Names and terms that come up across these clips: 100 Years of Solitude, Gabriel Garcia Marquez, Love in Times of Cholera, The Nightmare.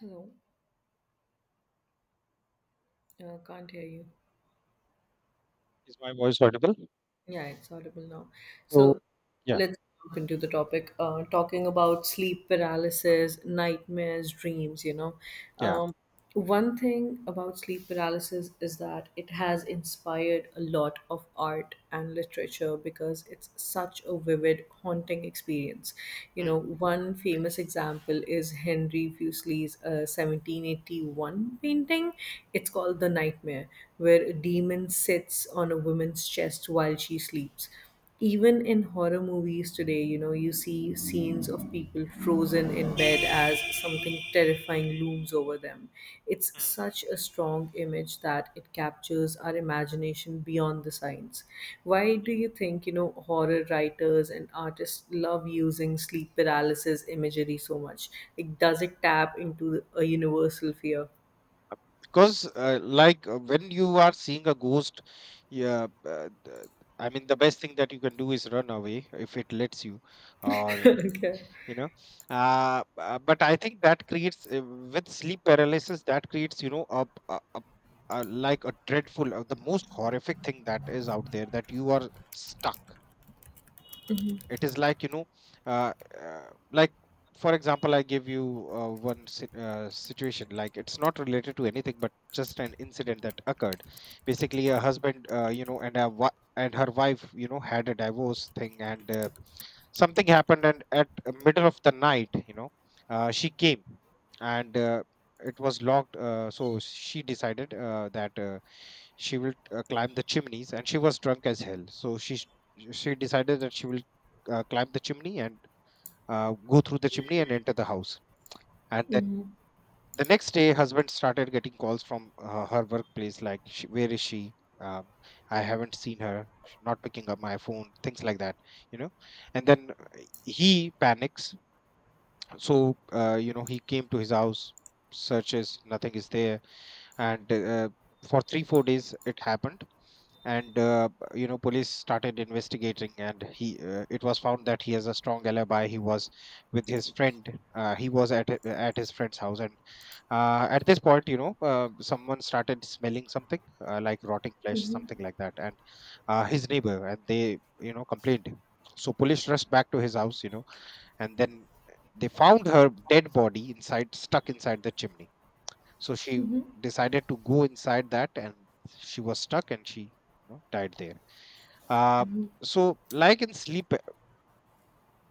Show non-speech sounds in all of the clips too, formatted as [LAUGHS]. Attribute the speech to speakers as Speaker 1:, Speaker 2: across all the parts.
Speaker 1: Hello, can't hear you.
Speaker 2: Is my voice audible?
Speaker 1: Yeah, it's audible now.
Speaker 2: So,
Speaker 1: So
Speaker 2: yeah,
Speaker 1: let's jump into the topic. Talking about sleep paralysis, nightmares, dreams.
Speaker 2: yeah.
Speaker 1: Um, One thing about sleep paralysis is that it has inspired a lot of art and literature because it's such a vivid, haunting experience. You
Speaker 2: Mm,
Speaker 1: know, one famous example is Henry Fuseli's 1781 painting. It's called The Nightmare, where a demon sits on a woman's chest while she sleeps, even in horror movies today, you know, you see scenes of people frozen in bed as something terrifying looms over them. It's
Speaker 2: mm.
Speaker 1: such a strong image that it captures our imagination beyond the science. Why do you think, you know, horror writers and artists love using sleep paralysis imagery so much? Like, does it tap into a universal fear?
Speaker 2: Because like, when you are seeing a ghost, yeah, I mean the best thing that you can do is run away if it lets you,
Speaker 1: [LAUGHS]
Speaker 2: or
Speaker 1: Okay.
Speaker 2: you know. But I think that creates, with sleep paralysis that creates, you know, a, like, a dreadful, the most horrific thing that is out there, that you are stuck. It is like, you know, uh, uh, like, for example, I give you one situation, like, it's not related to anything but just an incident that occurred. Basically, a husband, you know, and a and her wife, you know, had a divorce thing, and something happened, and at, middle of the night, you know, she came, and it was locked, so she decided that, she will climb the chimneys, and she was drunk as hell, so she decided that she will climb the chimney and go through the chimney and enter the house. And then
Speaker 1: Mm-hmm.
Speaker 2: the next day husband started getting calls from her workplace, like, "Sh- where is she, um, I haven't seen her. She's not picking up my phone," things like that, you know. And then he panics, so, you know, he came to his house, searches, nothing is there, and for 3 4 days it happened. And you know, police started investigating, and he, it was found that he has a strong alibi. He was with his friend, he was at at his friend's house. And at this point, you know, someone started smelling something, like rotting flesh, something like that, and his neighbor, and they, you know, complained. So police rushed back to his house, you know, and then they found her dead body inside, stuck inside the chimney. So she decided to go inside that, and she was stuck, and she, you know, died there. Uh, so, like, in sleep,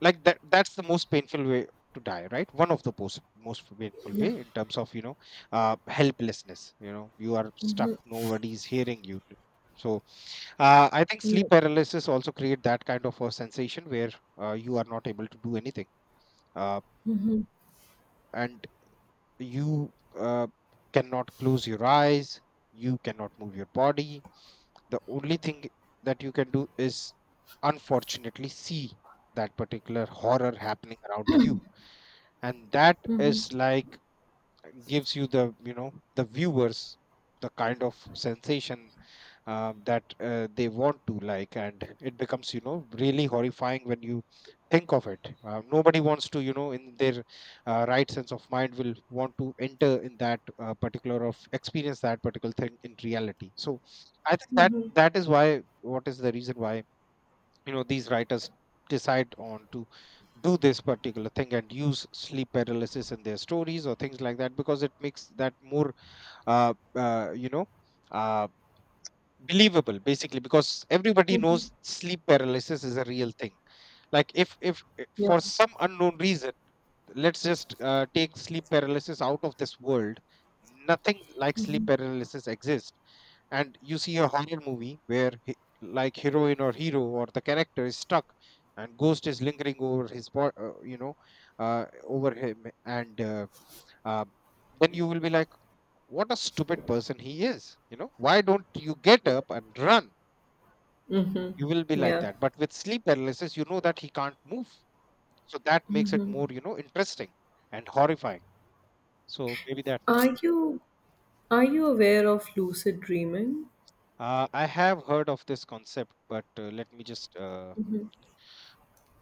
Speaker 2: like that, that's the most painful way to die, right? One of the most painful
Speaker 1: Yeah.
Speaker 2: way, in terms of, you know, helplessness. You know, you are stuck. Nobody's hearing you. So, I think
Speaker 1: Yeah.
Speaker 2: sleep paralysis also create that kind of a sensation where you are not able to do anything, uh,
Speaker 1: Mm-hmm.
Speaker 2: and you cannot close your eyes. You cannot move your body. The only thing that you can do is unfortunately see that particular horror happening around you, and that is, like, gives you the, you know, the viewers the kind of sensation, that they want to, like, and it becomes, you know, really horrifying when you think of it. Nobody wants to, you know, in their, right sense of mind, will want to enter in that, particular of experience that particular thing in reality. So I think that, is why, what is the reason why, you know, these writers decide on to do this particular thing and use sleep paralysis in their stories or things like that, because it makes that more, you know, uh, believable, basically, because everybody
Speaker 1: Mm-hmm.
Speaker 2: knows sleep paralysis is a real thing. Like, if, for
Speaker 1: Yeah.
Speaker 2: some unknown reason, let's just take sleep paralysis out of this world, nothing like sleep paralysis exists, and you see a horror movie where he, like, heroine or hero or the character is stuck, and ghost is lingering over his you know, over him, and uh, then you will be like, what a stupid person he is, you know, why don't you get up and run,
Speaker 1: Mm-hmm.
Speaker 2: you will be like
Speaker 1: Yeah.
Speaker 2: that. But with sleep paralysis, you know that he can't move. So that makes it more, you know, interesting and horrifying. So maybe that's why.
Speaker 1: Are you are you aware of lucid dreaming?
Speaker 2: I have heard of this concept, but let me just,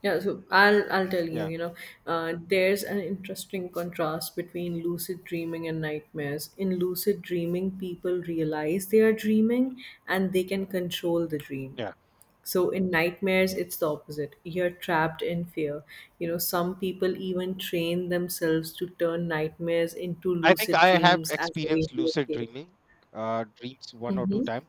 Speaker 1: Yeah, so I'll tell you.
Speaker 2: yeah,
Speaker 1: You know, there's an interesting contrast between lucid dreaming and nightmares. In lucid dreaming, people realize they are dreaming and they can control the dream.
Speaker 2: yeah.
Speaker 1: So in nightmares, it's the opposite. You're trapped in fear. You know, some people even train themselves to turn nightmares into
Speaker 2: I think
Speaker 1: lucid
Speaker 2: I have
Speaker 1: dreams as a way
Speaker 2: experienced
Speaker 1: to
Speaker 2: lucid
Speaker 1: escape.
Speaker 2: dreaming, dreams, one or two
Speaker 1: Mm-hmm.
Speaker 2: time,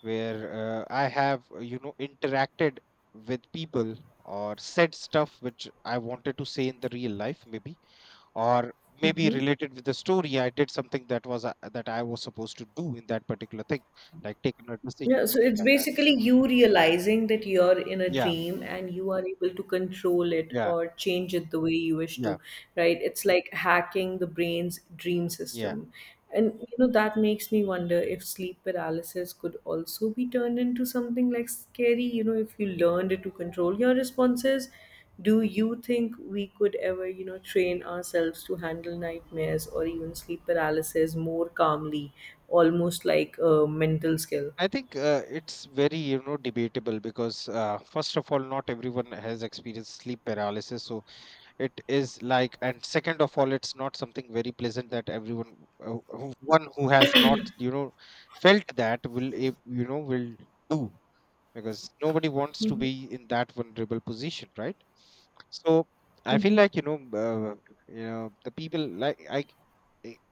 Speaker 2: where I have, you know, interacted with people, or said stuff which I wanted to say in the real life, maybe, or maybe related with the story, I did something that was, that I was supposed to do in that particular thing, like taking a decision,
Speaker 1: Yeah, so
Speaker 2: something
Speaker 1: it's
Speaker 2: like that.
Speaker 1: basically you realizing that you're in a
Speaker 2: Yeah,
Speaker 1: dream and you are able to control it
Speaker 2: yeah,
Speaker 1: or change it the way you wish
Speaker 2: yeah,
Speaker 1: to, right? It's like hacking the brain's dream
Speaker 2: yeah.
Speaker 1: system. And you know, that makes me wonder if sleep paralysis could also be turned into something like scary, you know, if you learned to control your responses. Do you think we could ever, you know, train ourselves to handle nightmares or even sleep paralysis more calmly, almost like a mental skill?
Speaker 2: I think, it's very, you know, debatable, because first of all, not everyone has experienced sleep paralysis, so it is like, and second of all it's not something very pleasant that everyone, who- one who has not, you know, felt that will, you know, will do, because nobody wants to be in that vulnerable position, right? So I feel
Speaker 1: Mhm,
Speaker 2: like, you know, uh, you know, the people like,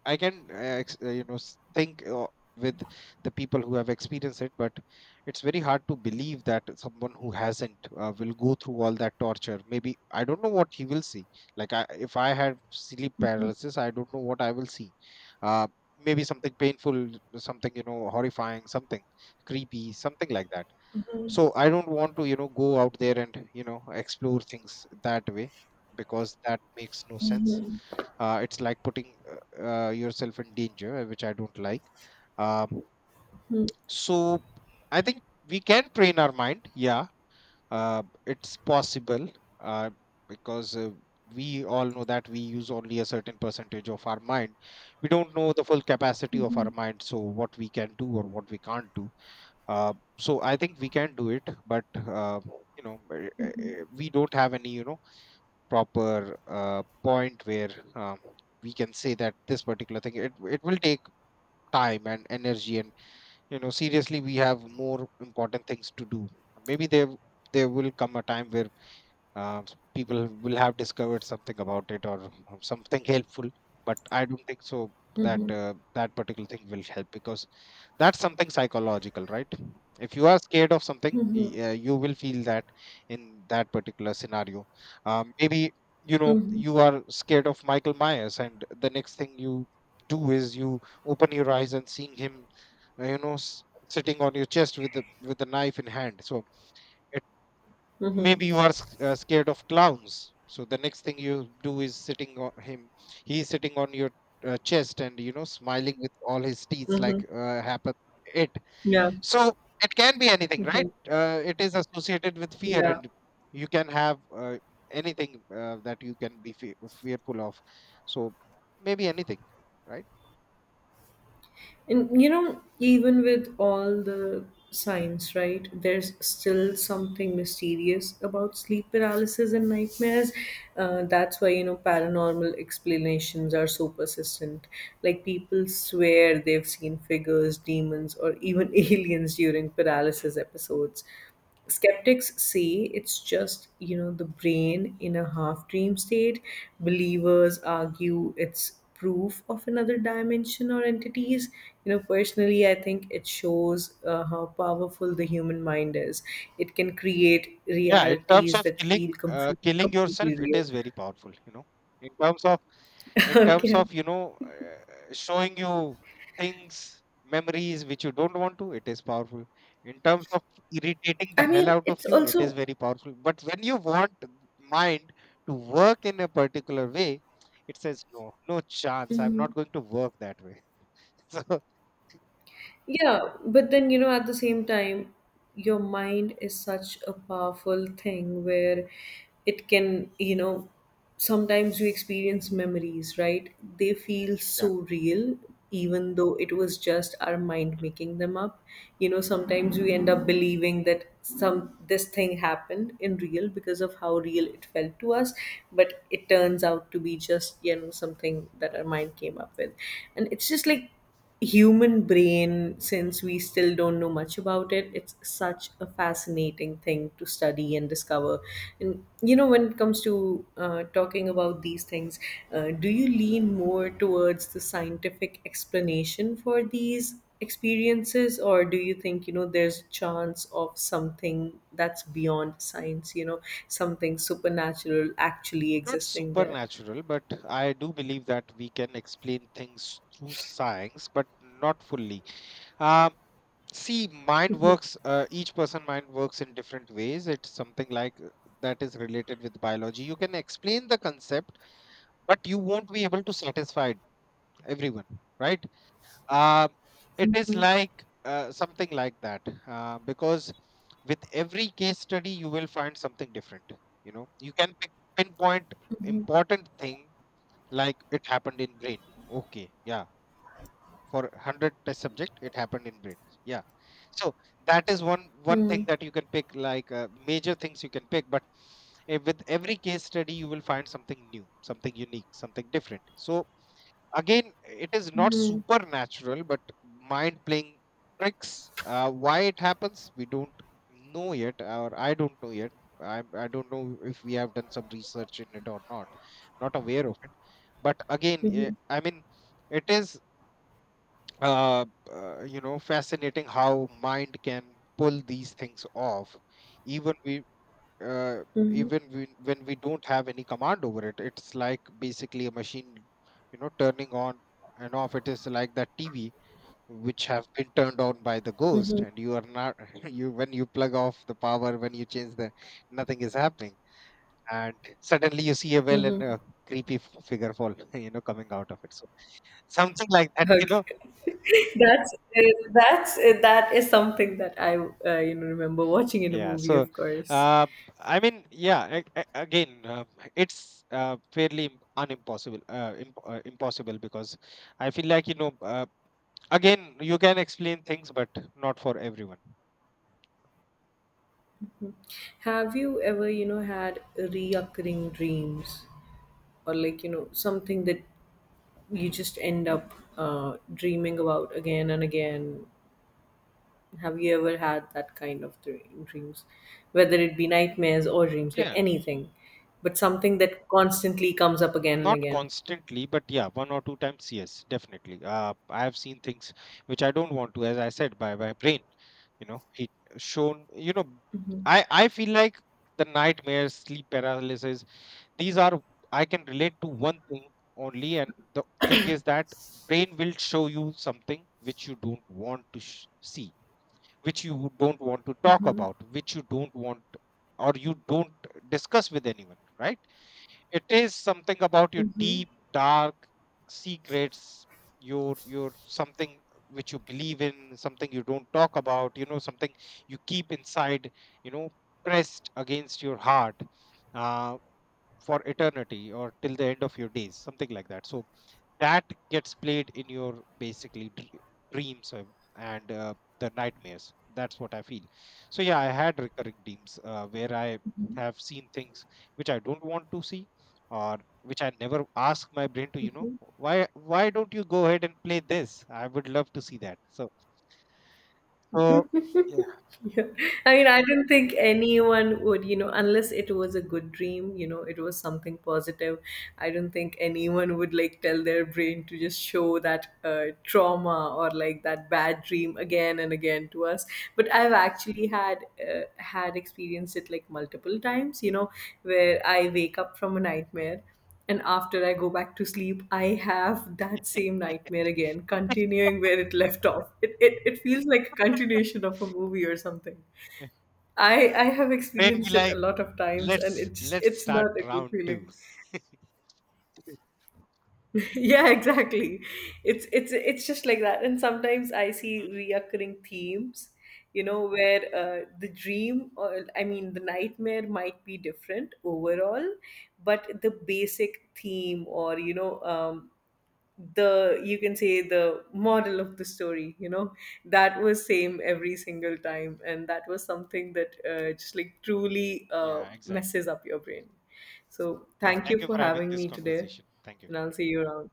Speaker 2: I can, you know, think, with the people who have experienced it, but it's very hard to believe that someone who hasn't, will go through all that torture. Maybe I don't know what he will see, like, if I had sleep paralysis, I don't know what I will see. uh, Maybe something painful, something, you know, horrifying, something creepy, something like that. So I don't want to, you know, go out there and, you know, explore things that way, because that makes no sense. It's like putting, yourself in danger, which I don't like. um, so I think we can train our mind, yeah, it's possible, uh, because we all know that we use only a certain percentage of our mind. We don't know the full capacity of our mind, so what we can do or what we can't do. So I think we can do it, but you know, we don't have any, you know, proper, point where, um, we can say that this particular thing, it will take time and energy, and, you know, seriously, we have more important things to do. Maybe there will come a time where, uh, people will have discovered something about it, or something helpful. But I don't think so that,
Speaker 1: mhm,
Speaker 2: that particular thing will help, because that's something psychological, right? If you are scared of something,
Speaker 1: mhm,
Speaker 2: you will feel that in that particular scenario. Maybe, you know,
Speaker 1: mhm,
Speaker 2: you are scared of Michael Myers, and the next thing you do is you open your eyes and seeing him, you know, sitting on your chest with the knife in hand. So, it,
Speaker 1: mhm,
Speaker 2: maybe you are scared of clowns, so the next thing you do is sitting on him, he's sitting on your, chest, and, you know, smiling with all his teeth, like,
Speaker 1: mhm.
Speaker 2: happened it.
Speaker 1: Yeah,
Speaker 2: So it can be anything,
Speaker 1: mhm,
Speaker 2: right? It is associated with fear,
Speaker 1: yeah.
Speaker 2: and you can have, anything that you can be fearful of. So maybe anything, right?
Speaker 1: And you know, even with all the science, right, there's still something mysterious about sleep paralysis and nightmares. That's why, you know, paranormal explanations are so persistent. Like, people swear they've seen figures, demons, or even [LAUGHS] aliens during
Speaker 2: Hmm.
Speaker 1: paralysis episodes. Skeptics say it's just, you know, the brain in a half dream state. Believers argue it's proof of another dimension or entities. You know, personally I think it shows how powerful the human mind is. It can create
Speaker 2: Yeah, in terms
Speaker 1: realities
Speaker 2: of
Speaker 1: that
Speaker 2: killing,
Speaker 1: feel
Speaker 2: killing yourself,
Speaker 1: completely
Speaker 2: it
Speaker 1: real.
Speaker 2: is very powerful, you know, in terms of,
Speaker 1: [LAUGHS]
Speaker 2: in terms
Speaker 1: Okay.
Speaker 2: of, you know, showing you things, memories which you don't want to, it is powerful. In terms of irritating the
Speaker 1: I
Speaker 2: hell
Speaker 1: mean
Speaker 2: out of
Speaker 1: it's
Speaker 2: you, it is
Speaker 1: also.
Speaker 2: very powerful. But when you want mind to work in a particular way, it says, no, no chance, I'm not
Speaker 1: Mhm.
Speaker 2: going to work that way. [LAUGHS] So,
Speaker 1: Yeah, but then you know, at the same time, your mind is such a powerful thing where it can, you know, sometimes you experience memories, right? They feel
Speaker 2: yeah.
Speaker 1: so real, even though it was just our mind making them up. You know, sometimes we end up believing that some this thing happened in real because of how real
Speaker 2: Hmm.
Speaker 1: it felt to us, but it turns out to be just, you know, something that our
Speaker 2: Hmm.
Speaker 1: mind came up with. And it's just like human brain. Since we still don't know much about it, it's such a fascinating thing to study and discover. And you know, when it comes to talking about these things, do you lean more towards the scientific explanation for these experiences, or do you think, you know, there's a chance of something that's beyond science, you know, something supernatural actually
Speaker 2: Not
Speaker 1: existing there?
Speaker 2: supernatural, but I do believe that we can explain things through science, but not fully. Um, See, each person mind works in different ways. It's something like, that is related with biology. You can explain the concept, but you won't be able to satisfy everyone, right? Uh, it is like, something like that, because with every case study, you will find something different. You know, you can pinpoint important thing, like it happened in brain. Okay, yeah, for 100 test subject it happened in brain, yeah. So that is one thing
Speaker 1: Hmm.
Speaker 2: that you can pick, like, major things you can pick. But with every case study you will find something new, something unique, something different. So again, it is not supernatural, but mind playing tricks. Why it happens, we don't know yet, or I don't know yet. I don't know if we have done some research in it or not, not aware of it. But again,
Speaker 1: Hmm.
Speaker 2: I mean, it is, uh, you know, fascinating how mind can pull these things off. even we uh,
Speaker 1: Hmm.
Speaker 2: Even we, when we don't have any command over it, it's like basically a machine, you know, turning on and off. It is like that TV which have been turned on by the ghost, and you are not [LAUGHS] you, when you plug off the power, when you change the, nothing is happening, and suddenly you see a well and a creepy figure fall [LAUGHS] you know, coming out of it. So something like that [LAUGHS] you know.
Speaker 1: [LAUGHS] That's that is something that I you know remember watching in a
Speaker 2: Yeah.
Speaker 1: movie,
Speaker 2: So,
Speaker 1: of course.
Speaker 2: uh, I mean, yeah. Again, it's fairly, unimpossible, impossible, because I feel like, you know. Again, you can explain things, but not for everyone.
Speaker 1: Have you ever, you know, had reoccurring dreams, or like you know something that you just end up dreaming about again and again? Have you ever had that kind of dreams, whether it be nightmares or dreams, like
Speaker 2: Yeah.
Speaker 1: anything, but something that constantly comes up again and
Speaker 2: Not
Speaker 1: again?
Speaker 2: constantly, but yeah, one or two times, yes, definitely. I have seen things which I don't want to, as I said, by my brain. You know, it shown. You know, I feel like, the nightmares, sleep paralysis. These are, I can relate to one thing only, and the thing is that brain will show you something which you don't want to see, which you don't want to talk about, which you don't want, or you don't discuss with anyone, right? It is something about your
Speaker 1: Mhm.
Speaker 2: deep dark secrets, your something which you believe in, something you don't talk about, you know, something you keep inside, you know, pressed against your heart, uh, for eternity or till the end of your days, something like that. So that gets played in your, basically, dreams, and, and the nightmares. That's what I feel. So yeah, I had recurring dreams, where I have seen things which I don't want to see, or which I never ask my brain to, you know, why don't you go ahead and play this, I would love to see that. So, so yeah.
Speaker 1: [LAUGHS] Yeah. I mean, I don't think anyone would, you know, unless it was a good dream, you know, it was something positive. I don't think anyone would like tell their brain to just show that trauma or like that bad dream
Speaker 2: Yeah.
Speaker 1: again and again to us. But I've actually had experienced it like multiple times, you know, where I wake up from a nightmare and after I go back to sleep, I have that same nightmare again, continuing where it left off. It feels like a continuation of a movie or something. I have
Speaker 2: [LAUGHS] brain be
Speaker 1: experienced it a
Speaker 2: like,
Speaker 1: lot of times and it just
Speaker 2: let's
Speaker 1: it's
Speaker 2: start
Speaker 1: not a good
Speaker 2: round two.
Speaker 1: feeling. [LAUGHS] Yeah, exactly. It's just like that. And sometimes I
Speaker 2: Hmm.
Speaker 1: see reoccurring themes, you know, where the dream, or I mean the nightmare, might be different overall, but the basic theme, or you know the, you can say, the model of the story, you know, that was same every single time, and that was something that just like truly
Speaker 2: Yeah, exactly.
Speaker 1: messes up your brain. So
Speaker 2: Yeah,
Speaker 1: thank
Speaker 2: thank
Speaker 1: you
Speaker 2: you
Speaker 1: for
Speaker 2: for having
Speaker 1: having
Speaker 2: this
Speaker 1: me today,
Speaker 2: conversation, thank you.
Speaker 1: and I'll see you around.